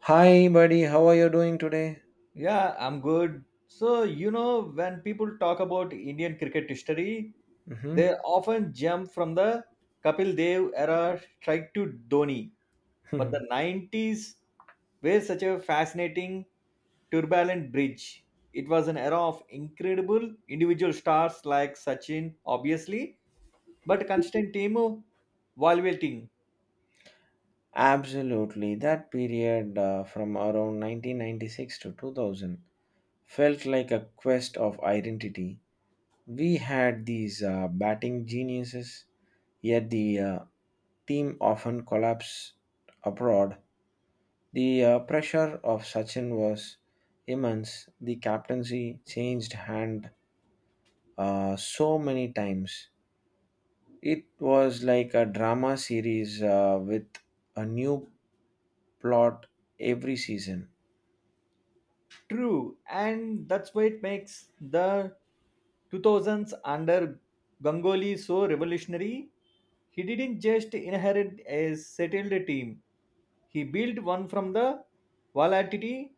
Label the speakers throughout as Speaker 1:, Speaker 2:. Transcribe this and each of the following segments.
Speaker 1: Hi, buddy. How are you doing today?
Speaker 2: Yeah, I'm good. So, when people talk about Indian cricket history, they
Speaker 1: Hmm.
Speaker 2: often jump from the Kapil Dev era strike to Dhoni. But the 90s were such a fascinating, turbulent bridge. It was an era of incredible individual stars like Sachin, obviously, but constant team evaluating.
Speaker 1: Absolutely. That period from around 1996 to 2000 felt like a quest of identity. We had these batting geniuses, yet the team often collapsed abroad. The pressure of Sachin was immense. The captaincy changed hand so many times. It was like a drama series with a new plot every season.
Speaker 2: True, and that's why it makes the 2000s under Ganguly so revolutionary. He didn't just inherit a settled team, he built one from the volatility.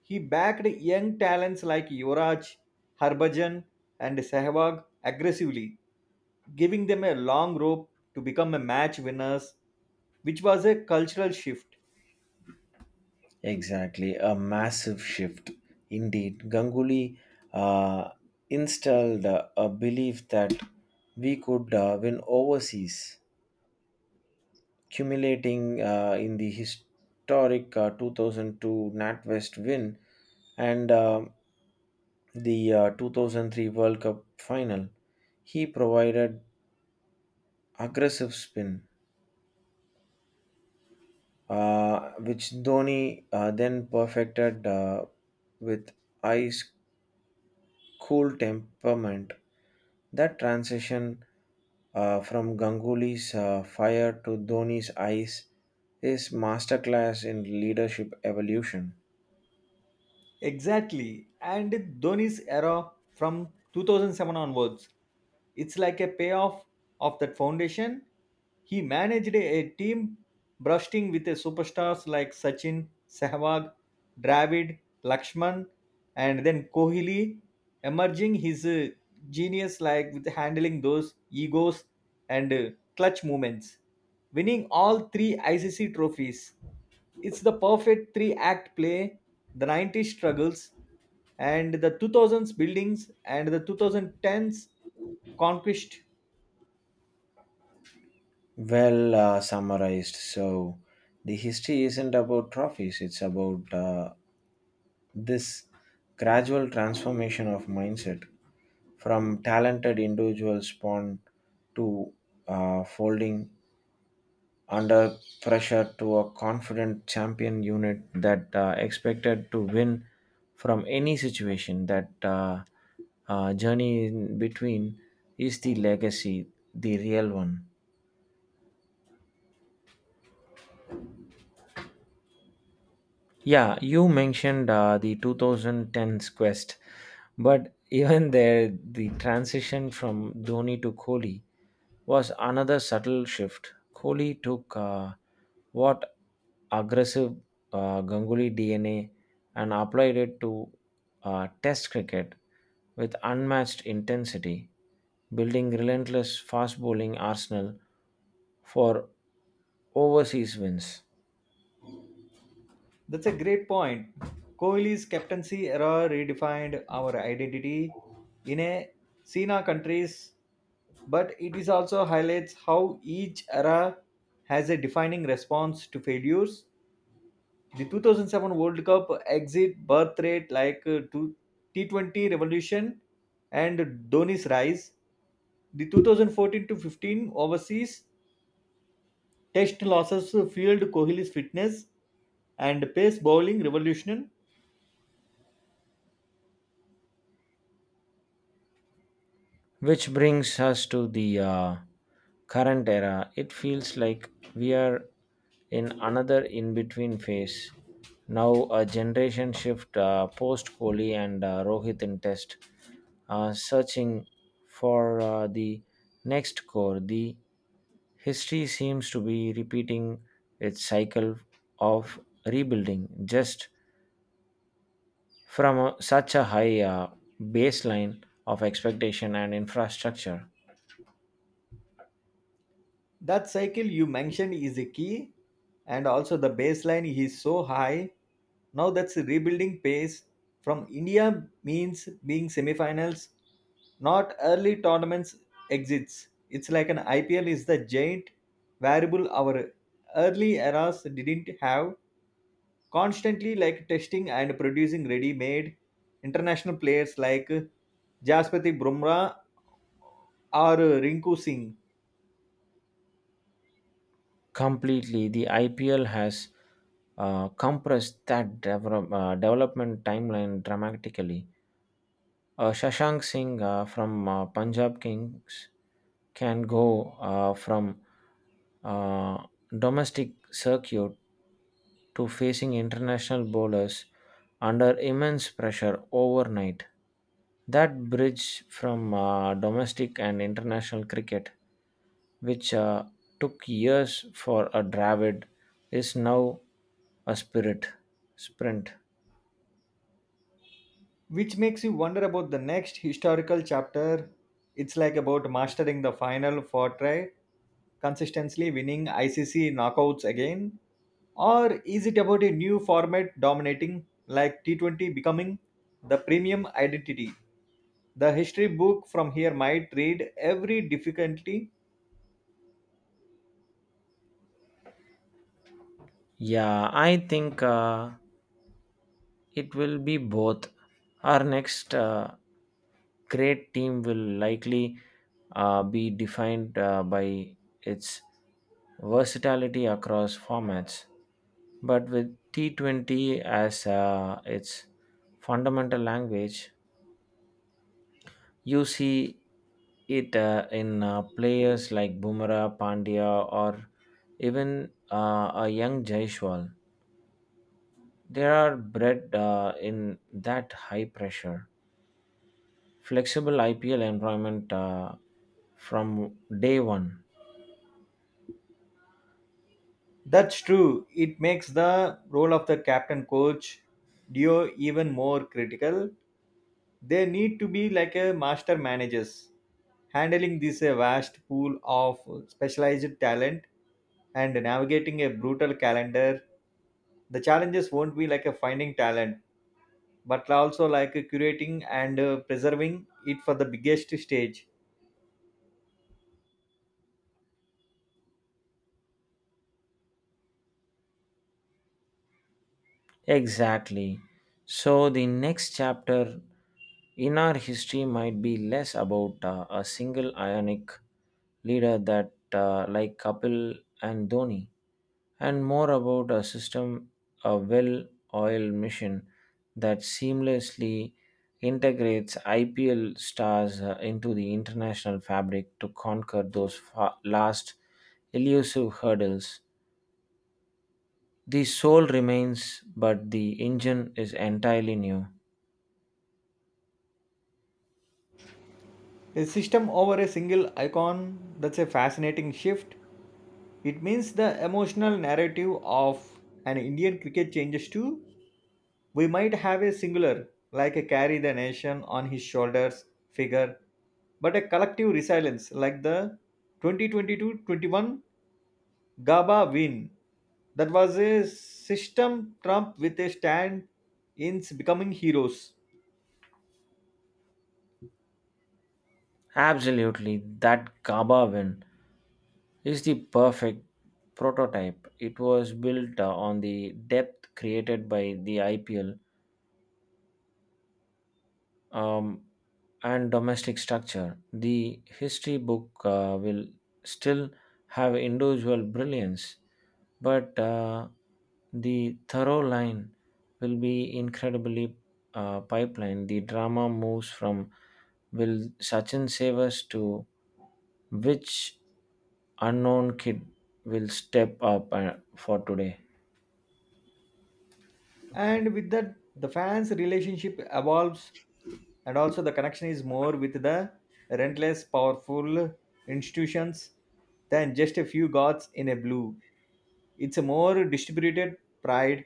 Speaker 2: He backed young talents like Yuvraj, Harbhajan, and Sehwag aggressively, giving them a long rope to become a match winners, which was a cultural shift.
Speaker 1: Exactly, a massive shift. Indeed, Ganguly uh, installed a belief that we could win overseas, accumulating in the historic 2002 NatWest win and the 2003 World Cup final. He provided aggressive spin, which Dhoni then perfected with ice cool temperament. That transition from Ganguly's fire to Dhoni's ice is masterclass in leadership evolution.
Speaker 2: Exactly. And Dhoni's era from 2007 onwards, it's like a payoff of that foundation. He managed a team bursting with a superstars like Sachin, Sehwag, Dravid, Lakshman, and then Kohli, emerging his genius like with handling those egos and clutch moments winning all three ICC trophies. It's the perfect three act play, the 90s struggles and the 2000s buildings and the 2010s conquest.
Speaker 1: Well summarized. So the history isn't about trophies; it's about this gradual transformation of mindset from talented individual spawn to folding under pressure to a confident champion unit that expected to win from any situation. That journey in between is the legacy, the real one. Yeah, you mentioned the 2010s quest, but even there, the transition from Dhoni to Kohli was another subtle shift. Kohli took what aggressive Ganguly DNA and applied it to Test cricket with unmatched intensity, building relentless fast bowling arsenal for overseas wins.
Speaker 2: That's a great point. Kohli's captaincy era redefined our identity in a Sina countries, but it is also highlights how each era has a defining response to failures. The 2007 World Cup exit birth rate like to T20 revolution and Dhoni's rise. The 2014 to 15 overseas test losses fueled Kohli's fitness and pace bowling revolution.
Speaker 1: Which brings us to the current era. It feels like we are in another in between phase. Now, a generation shift post Kohli and Rohit in test, searching for the next core. The history seems to be repeating its cycle of rebuilding just from a, such a high baseline of expectation and infrastructure.
Speaker 2: That cycle you mentioned is a key, and also the baseline is so high. Now that's a rebuilding pace from India means being semifinals, not early tournaments exits. It's like an IPL is the giant variable our early eras didn't have. Constantly like testing and producing ready-made international players like Jaspati Brumrah or Rinku Singh.
Speaker 1: Completely, the IPL has compressed that develop, development timeline dramatically. Shashank Singh from Punjab Kings can go from uh, domestic circuit to facing international bowlers under immense pressure overnight. That bridge from domestic and international cricket, which took years for a Dravid, is now a spirit sprint.
Speaker 2: Which makes you wonder about the next historical chapter. It's like about mastering the final fortray, consistently winning ICC knockouts again, or is it about a new format dominating like T20 becoming the premium identity? The history book from here might read every difficulty.
Speaker 1: Yeah, I think it will be both. Our next great team will likely be defined by its versatility across formats, but with T20 as its fundamental language, you see it in players like Bumrah, Pandya, or even a young Jaishwal. They are bred in that high pressure, flexible IPL employment from day one.
Speaker 2: That's true. It makes the role of the captain coach duo even more critical. They need to be like a master managers, handling this vast pool of specialized talent and navigating a brutal calendar. The challenges won't be like a finding talent, but also like a curating and preserving it for the biggest stage.
Speaker 1: Exactly. So the next chapter in our history might be less about a single ionic leader that like Kapil and Dhoni, and more about a system, a well oiled machine that seamlessly integrates IPL stars into the international fabric to conquer those last elusive hurdles. The soul remains, but the engine is entirely new.
Speaker 2: A system over a single icon, that's a fascinating shift. It means the emotional narrative of an Indian cricket changes too. We might have a singular, like a carry the nation on his shoulders figure, but a collective resilience like the 2022-21 GABA win. That was a system Trump with a stand in becoming heroes.
Speaker 1: Absolutely, that Gaba win is the perfect prototype. It was built on the depth created by the IPL um, and domestic structure. The history book will still have individual brilliance, but the thorough line will be incredibly pipeline. The drama moves from will Sachin save us to which unknown kid will step up for today.
Speaker 2: And with that, the fans' relationship evolves, and also the connection is more with the relentless, powerful institutions than just a few gods in a blue. It's a more distributed pride.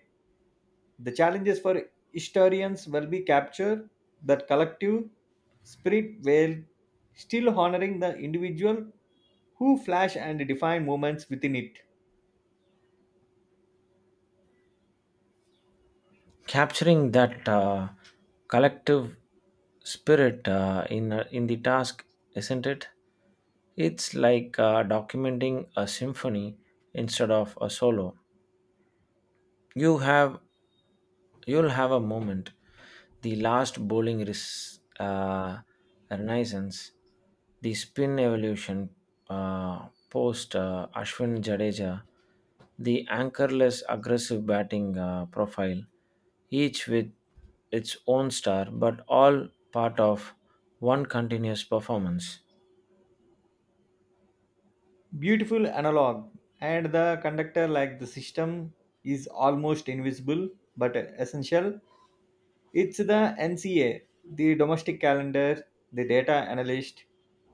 Speaker 2: The challenges for historians will be capture that collective spirit while still honoring the individual who flash and define moments within it.
Speaker 1: Capturing that collective spirit in in the task, isn't it? It's like documenting a symphony instead of a solo. You have You'll have a moment. The last bowling renaissance, the spin evolution post Ashwin Jadeja, the anchorless aggressive batting profile, each with its own star, but all part of one continuous performance.
Speaker 2: Beautiful analog, and the conductor like the system is almost invisible but essential. It's the NCA, the domestic calendar, the data analyst,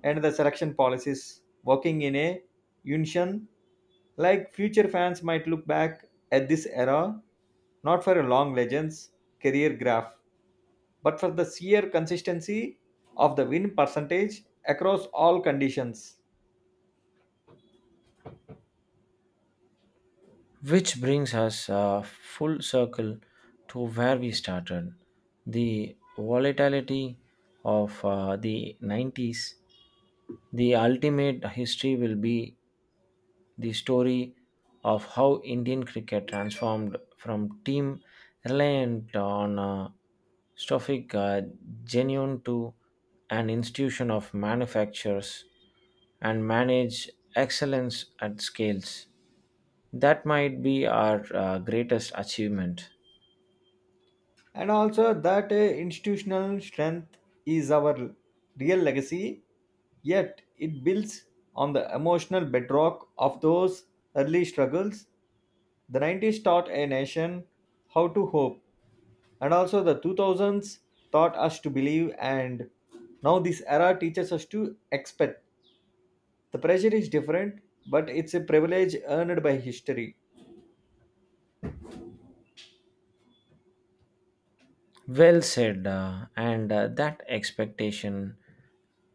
Speaker 2: and the selection policies working in a union. Like future fans might look back at this era not for a long legends career graph, but for the sheer consistency of the win percentage across all conditions.
Speaker 1: Which brings us full circle to where we started the volatility of the 90s. The ultimate history will be the story of how Indian cricket transformed from team reliant on Stoffic genuine to an institution of manufacturers and manage excellence at scales. That might be our greatest achievement.
Speaker 2: And also that institutional strength is our real legacy, yet it builds on the emotional bedrock of those early struggles. The 90s taught a nation how to hope, and also the 2000s taught us to believe, and now this era teaches us to expect. The pressure is different, but it's a privilege earned by history.
Speaker 1: Well said, and that expectation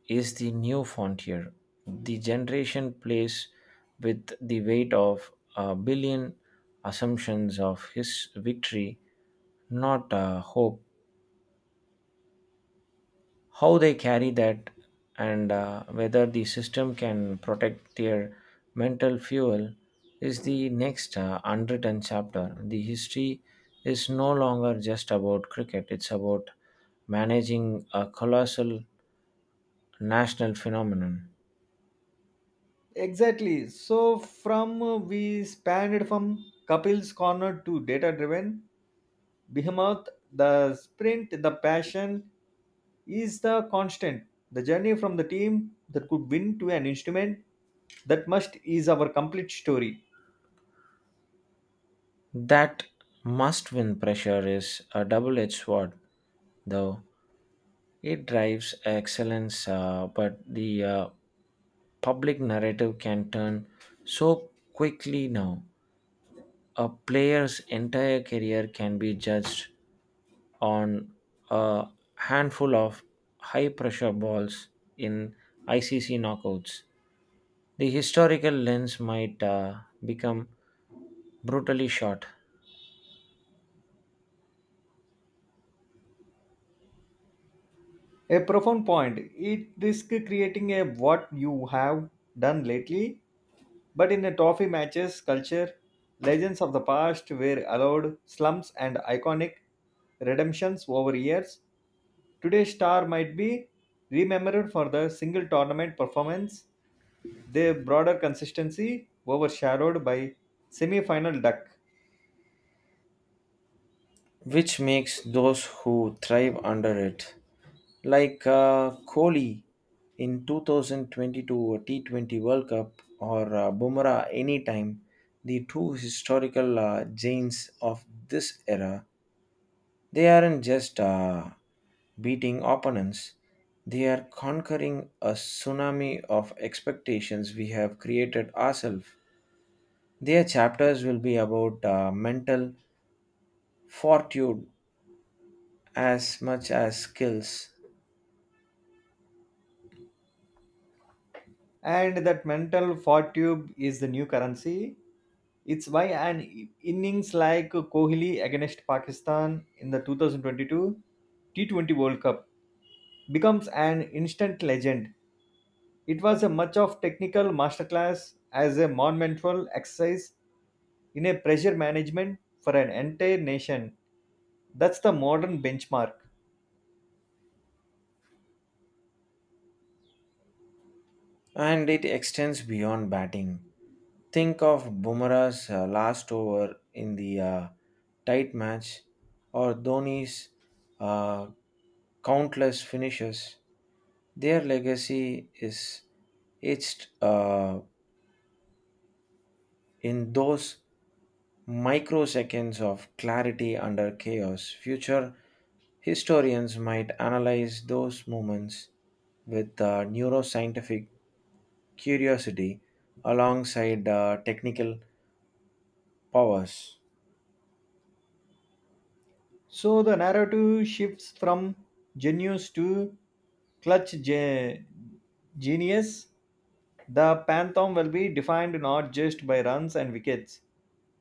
Speaker 1: is the new frontier. The generation plays with the weight of a billion assumptions of his victory, not hope how they carry that and whether the system can protect their mental fuel is the next unwritten chapter. The history is no longer just about cricket, it's about managing a colossal national phenomenon.
Speaker 2: Exactly. So from we spanned from Kapil's corner to data driven behemoth, the sprint, the passion is the constant. The journey from the team that could win to an instrument that must is our complete story.
Speaker 1: That must win pressure is a double edged sword, though. It drives excellence, but the public narrative can turn so quickly now. A player's entire career can be judged on a handful of high pressure balls in ICC knockouts. The historical lens might become brutally short.
Speaker 2: A profound point. It risk creating a what you have done lately, but in a trophy matches culture, legends of the past were allowed slumps and iconic redemptions over years. Today's star might be remembered for the single tournament performance, their broader consistency overshadowed by semi-final duck.
Speaker 1: Which makes those who thrive under it, like Kohli in 2022 T20 World Cup or Bumrah anytime, the two historical giants of this era, they aren't just beating opponents, they are conquering a tsunami of expectations we have created ourselves. Their chapters will be about mental fortitude as much as skills,
Speaker 2: And that mental fortitude is the new currency. It's why an innings like Kohli against Pakistan in the 2022 T20 World Cup becomes an instant legend. It was a much of technical masterclass as a monumental exercise in a pressure management for an entire nation. That's the modern benchmark.
Speaker 1: and it extends beyond batting. Think of Bumrah's last over in the tight match, or Dhoni's uh, countless finishes. Their legacy is etched in those microseconds of clarity under chaos. Future historians might analyze those moments with neuroscientific curiosity alongside technical powers.
Speaker 2: So the narrative shifts from genius to clutch ge- genius. The pantheon will be defined not just by runs and wickets,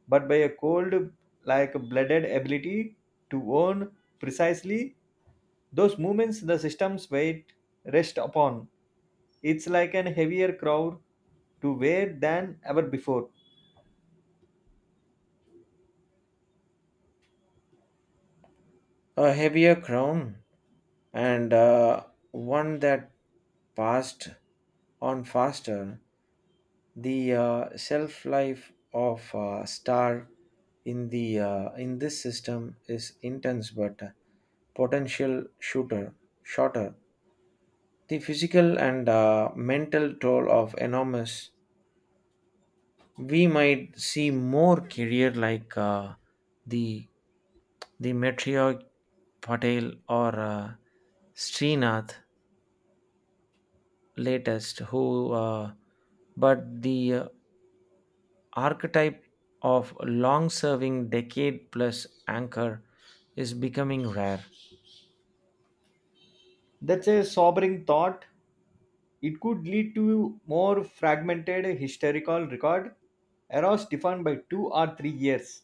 Speaker 2: but by a cold, like blooded ability to own precisely those movements the system's weight rests upon. It's like an heavier crowd to wear than ever before.
Speaker 1: A heavier crown and one that passed on faster. The shelf life of star in the in this system is intense but potential shooter shorter. The physical and mental toll of enormous we might see more career like the the Metriog Patel or Srinath latest who, but the archetype of long serving decade plus anchor is becoming rare.
Speaker 2: That's a sobering thought. It could lead to more fragmented historical record, eras defined by 2 or 3 years,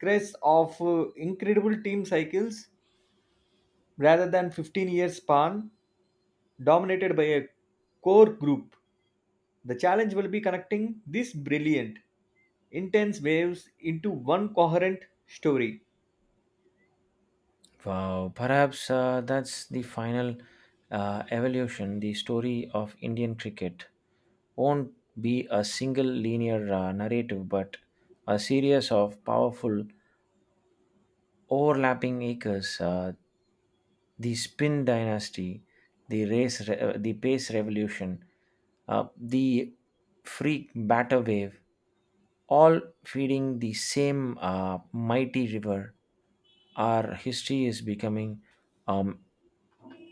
Speaker 2: crests of incredible team cycles rather than 15 year span dominated by a core group. The challenge will be connecting these brilliant, intense waves into one coherent story.
Speaker 1: Wow, perhaps that's the final evolution. The story of Indian cricket won't be a single linear narrative, but a series of powerful overlapping acres, the Spin Dynasty, the Pace Revolution, the Freak Batter Wave, all feeding the same mighty river. Our history is becoming um,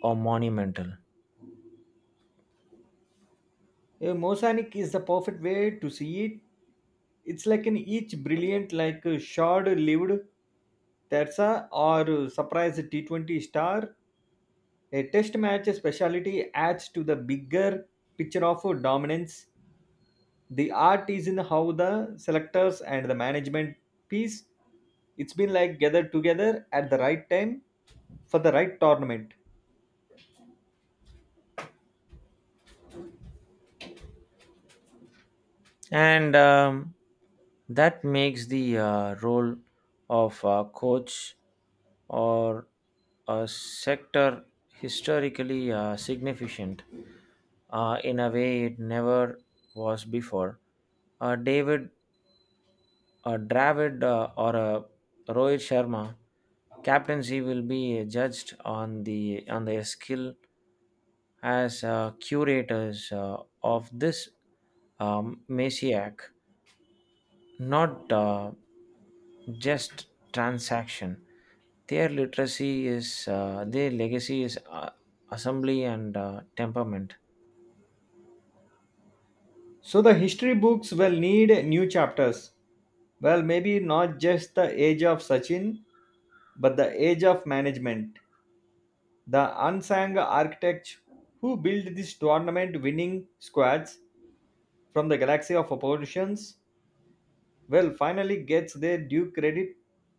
Speaker 1: a monumental.
Speaker 2: A mosaic is the perfect way to see it. It's like an each brilliant, like a short-lived Terza or surprise T20 star. A test match speciality adds to the bigger picture of dominance. The art is in how the selectors and the management piece. It's been like gathered together at the right time for the right tournament.
Speaker 1: And that makes the role of a coach or a sector historically significant in a way it never was before. Uh, David, Dravid, or Rohit Sharma captaincy will be judged on the on their skill as curators of this messiah, not just transaction. Their literacy is uh, their legacy is assembly and temperament.
Speaker 2: So the history books will need new chapters. Well, maybe not just the age of Sachin, but the age of management. The unsung architect who built this tournament winning squads from the galaxy of oppositions, well, finally gets their due credit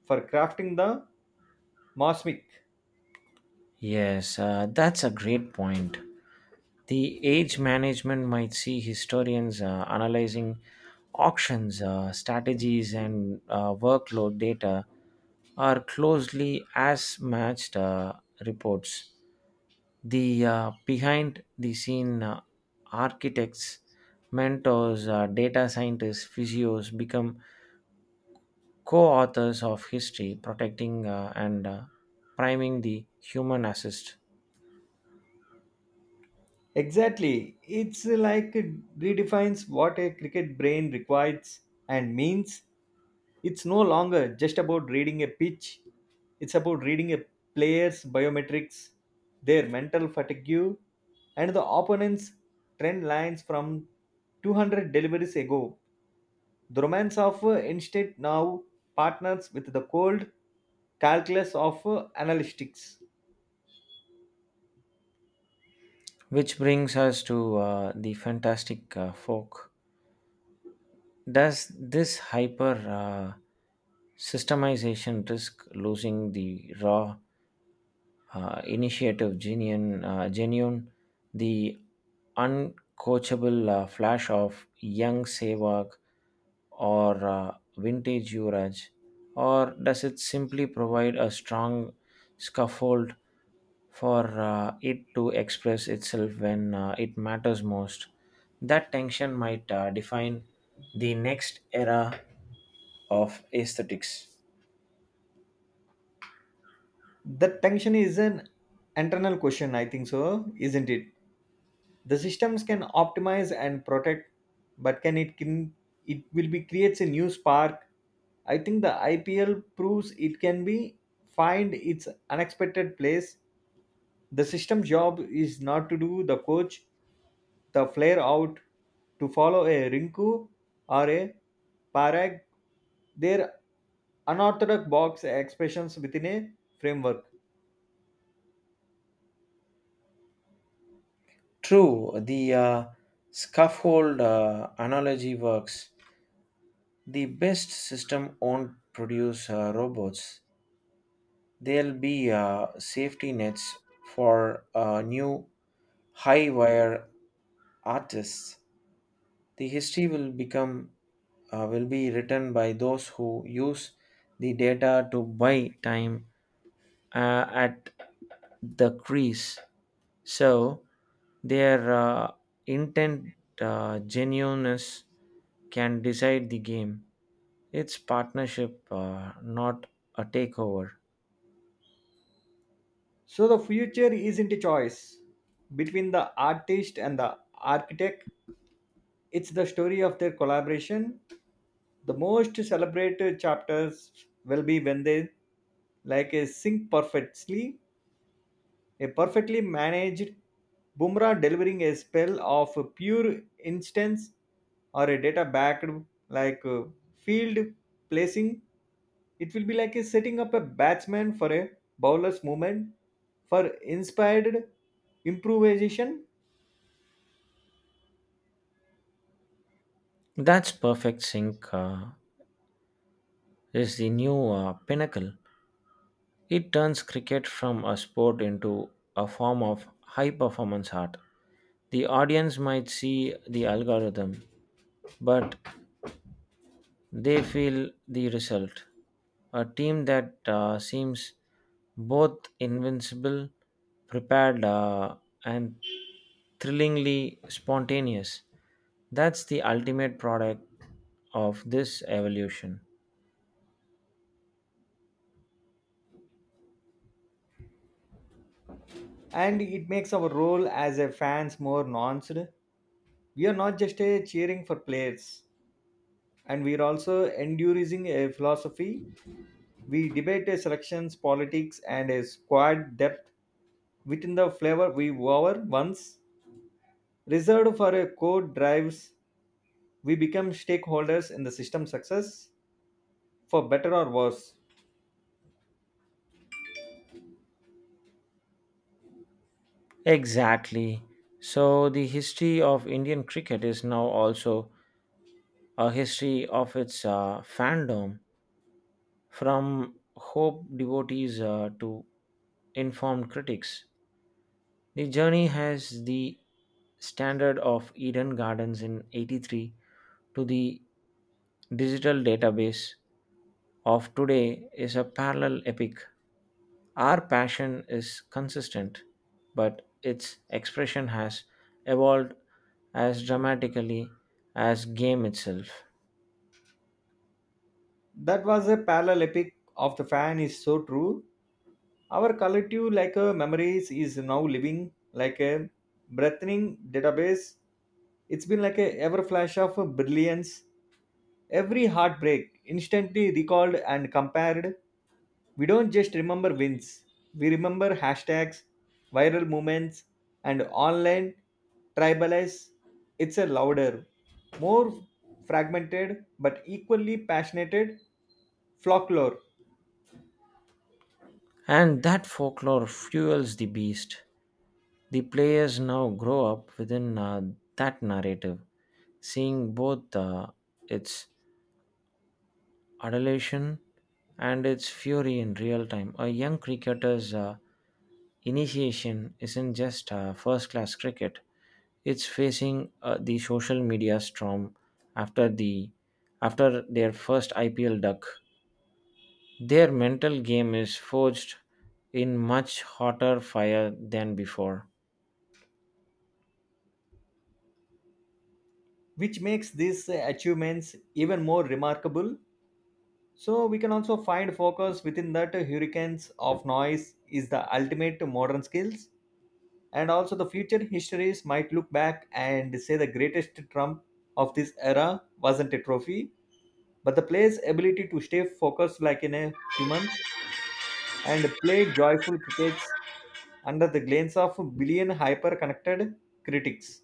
Speaker 2: for crafting the Mosmic.
Speaker 1: Yes that's a great point. The age management might see historians analyzing auctions strategies and workload data are closely as matched reports. The behind the scene architects, mentors, data scientists, physios become co authors of history, protecting and priming the human assist.
Speaker 2: Exactly. It's like it redefines what a cricket brain requires and means. It's no longer just about reading a pitch, it's about reading a player's biometrics, their mental fatigue, and the opponent's trend lines from 200 deliveries ago. The romance of instinct now partners with the cold calculus of analytics.
Speaker 1: Which brings us to the fantastic folk. Does this hyper systemization risk losing the raw initiative, genuine, the uncoachable flash of young Sehwag or vintage Yuvraj, or does it simply provide a strong scaffold for it to express itself when it matters most? That tension might define the next era of aesthetics.
Speaker 2: The tension is an internal question, I think so, isn't it? The systems can optimize and protect, but can it will be creates a new spark. I think the IPL proves it can be find its unexpected place. The system job is not to do the coach the flare out to follow a Rinku or a Parag, their unorthodox box expressions within a framework.
Speaker 1: True, the scaffold analogy works. The best system won't produce robots. There'll be safety nets for new high wire artists. The history will become will be written by those who use the data to buy time at the crease. So their intent, genuineness can decide the game. It's partnership, not a takeover.
Speaker 2: So the future isn't a choice between the artist and the architect. It's the story of their collaboration. The most celebrated chapters will be when they like a sync perfectly, a perfectly managed Bumrah delivering a spell of pure instance or a data backed like field placing. It will be like a setting up a batsman for a bowler's movement for inspired improvisation.
Speaker 1: That's perfect sync is the new pinnacle. It turns cricket from a sport into a form of high performance art. The audience might see the algorithm, but they feel the result. A team that seems both invincible, prepared, and thrillingly spontaneous. That's the ultimate product of this evolution.
Speaker 2: And it makes our role as a fans more nuanced. We are not just a cheering for players, and we are also enduring a philosophy. We debate a selections politics and a squad depth within the flavor we were once reserved for a core drives. We become stakeholders in the system success, for better or worse.
Speaker 1: Exactly. So, the history of Indian cricket is now also a history of its fandom, from hope devotees to informed critics. The journey has the standard of Eden Gardens in 83 to the digital database of today is a parallel epic. Our passion is consistent, but its expression has evolved as dramatically as game itself.
Speaker 2: That was a parallel epic of the fan is so true. Our collective like memories is now living like a breathing database. It's been like a ever flash of brilliance. Every heartbreak instantly recalled and compared. We don't just remember wins. We remember hashtags, viral moments, and online tribalize. It's a louder, more fragmented but equally passionate folklore.
Speaker 1: And that folklore fuels the beast. The players now grow up within that narrative, seeing both its adulation and its fury in real time. A young cricketer's initiation isn't just first class cricket, it's facing the social media storm after, the, after their first IPL duck. Their mental game is forged in much hotter fire than before.
Speaker 2: Which makes these achievements even more remarkable. So we can also find focus within that hurricanes of noise is the ultimate modern skills. And also the future histories might look back and say the greatest trump of this era wasn't a trophy, but the player's ability to stay focused like in a humans and play joyful crickets under the glance of billion hyper connected critics.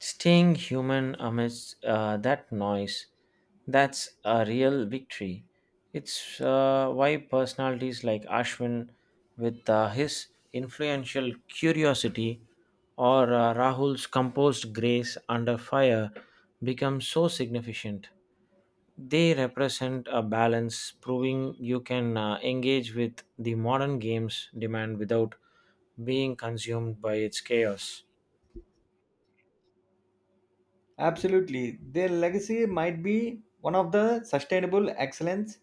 Speaker 1: Staying human amidst that noise, that's a real victory. It's why personalities like Ashwin, with his influential curiosity, or Rahul's composed grace under fire, become so significant. They represent a balance, proving you can engage with the modern game's demand without being consumed by its chaos.
Speaker 2: Absolutely. Their legacy might be one of the sustainable excellence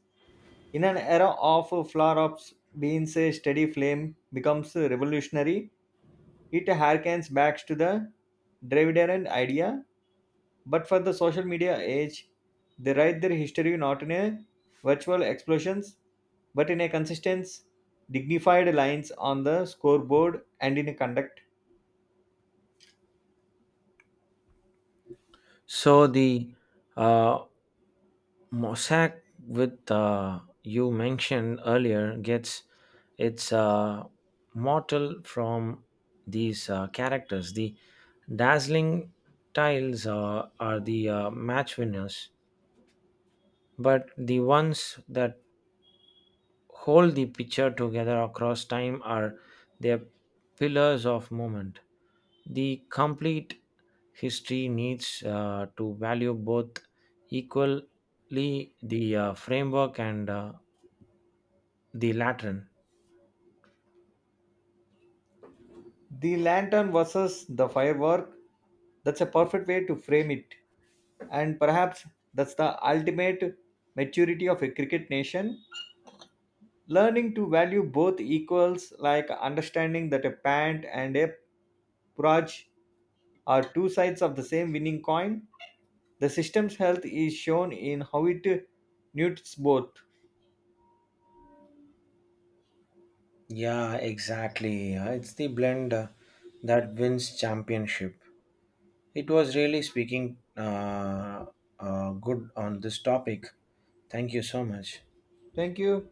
Speaker 2: in an era of flare-ups beans a steady flame becomes revolutionary. It harkens back to the Dravidian idea, but for the social media age, they write their history not in a virtual explosions, but in a consistent, dignified lines on the scoreboard and in a conduct.
Speaker 1: So the uh, mosaic with you mentioned earlier gets its mortal from these characters, the dazzling tiles are the match winners, but the ones that hold the picture together across time are their pillars of moment. The complete history needs to value both equally, the framework and the Latin.
Speaker 2: The lantern versus the firework, that's a perfect way to frame it. And perhaps that's the ultimate maturity of a cricket nation. Learning to value both equals, like understanding that a pant and a praj are two sides of the same winning coin. The system's health is shown in how it newts both.
Speaker 1: Yeah, exactly. It's the blend that wins championship. It was really speaking good on this topic. Thank you so much.
Speaker 2: Thank you.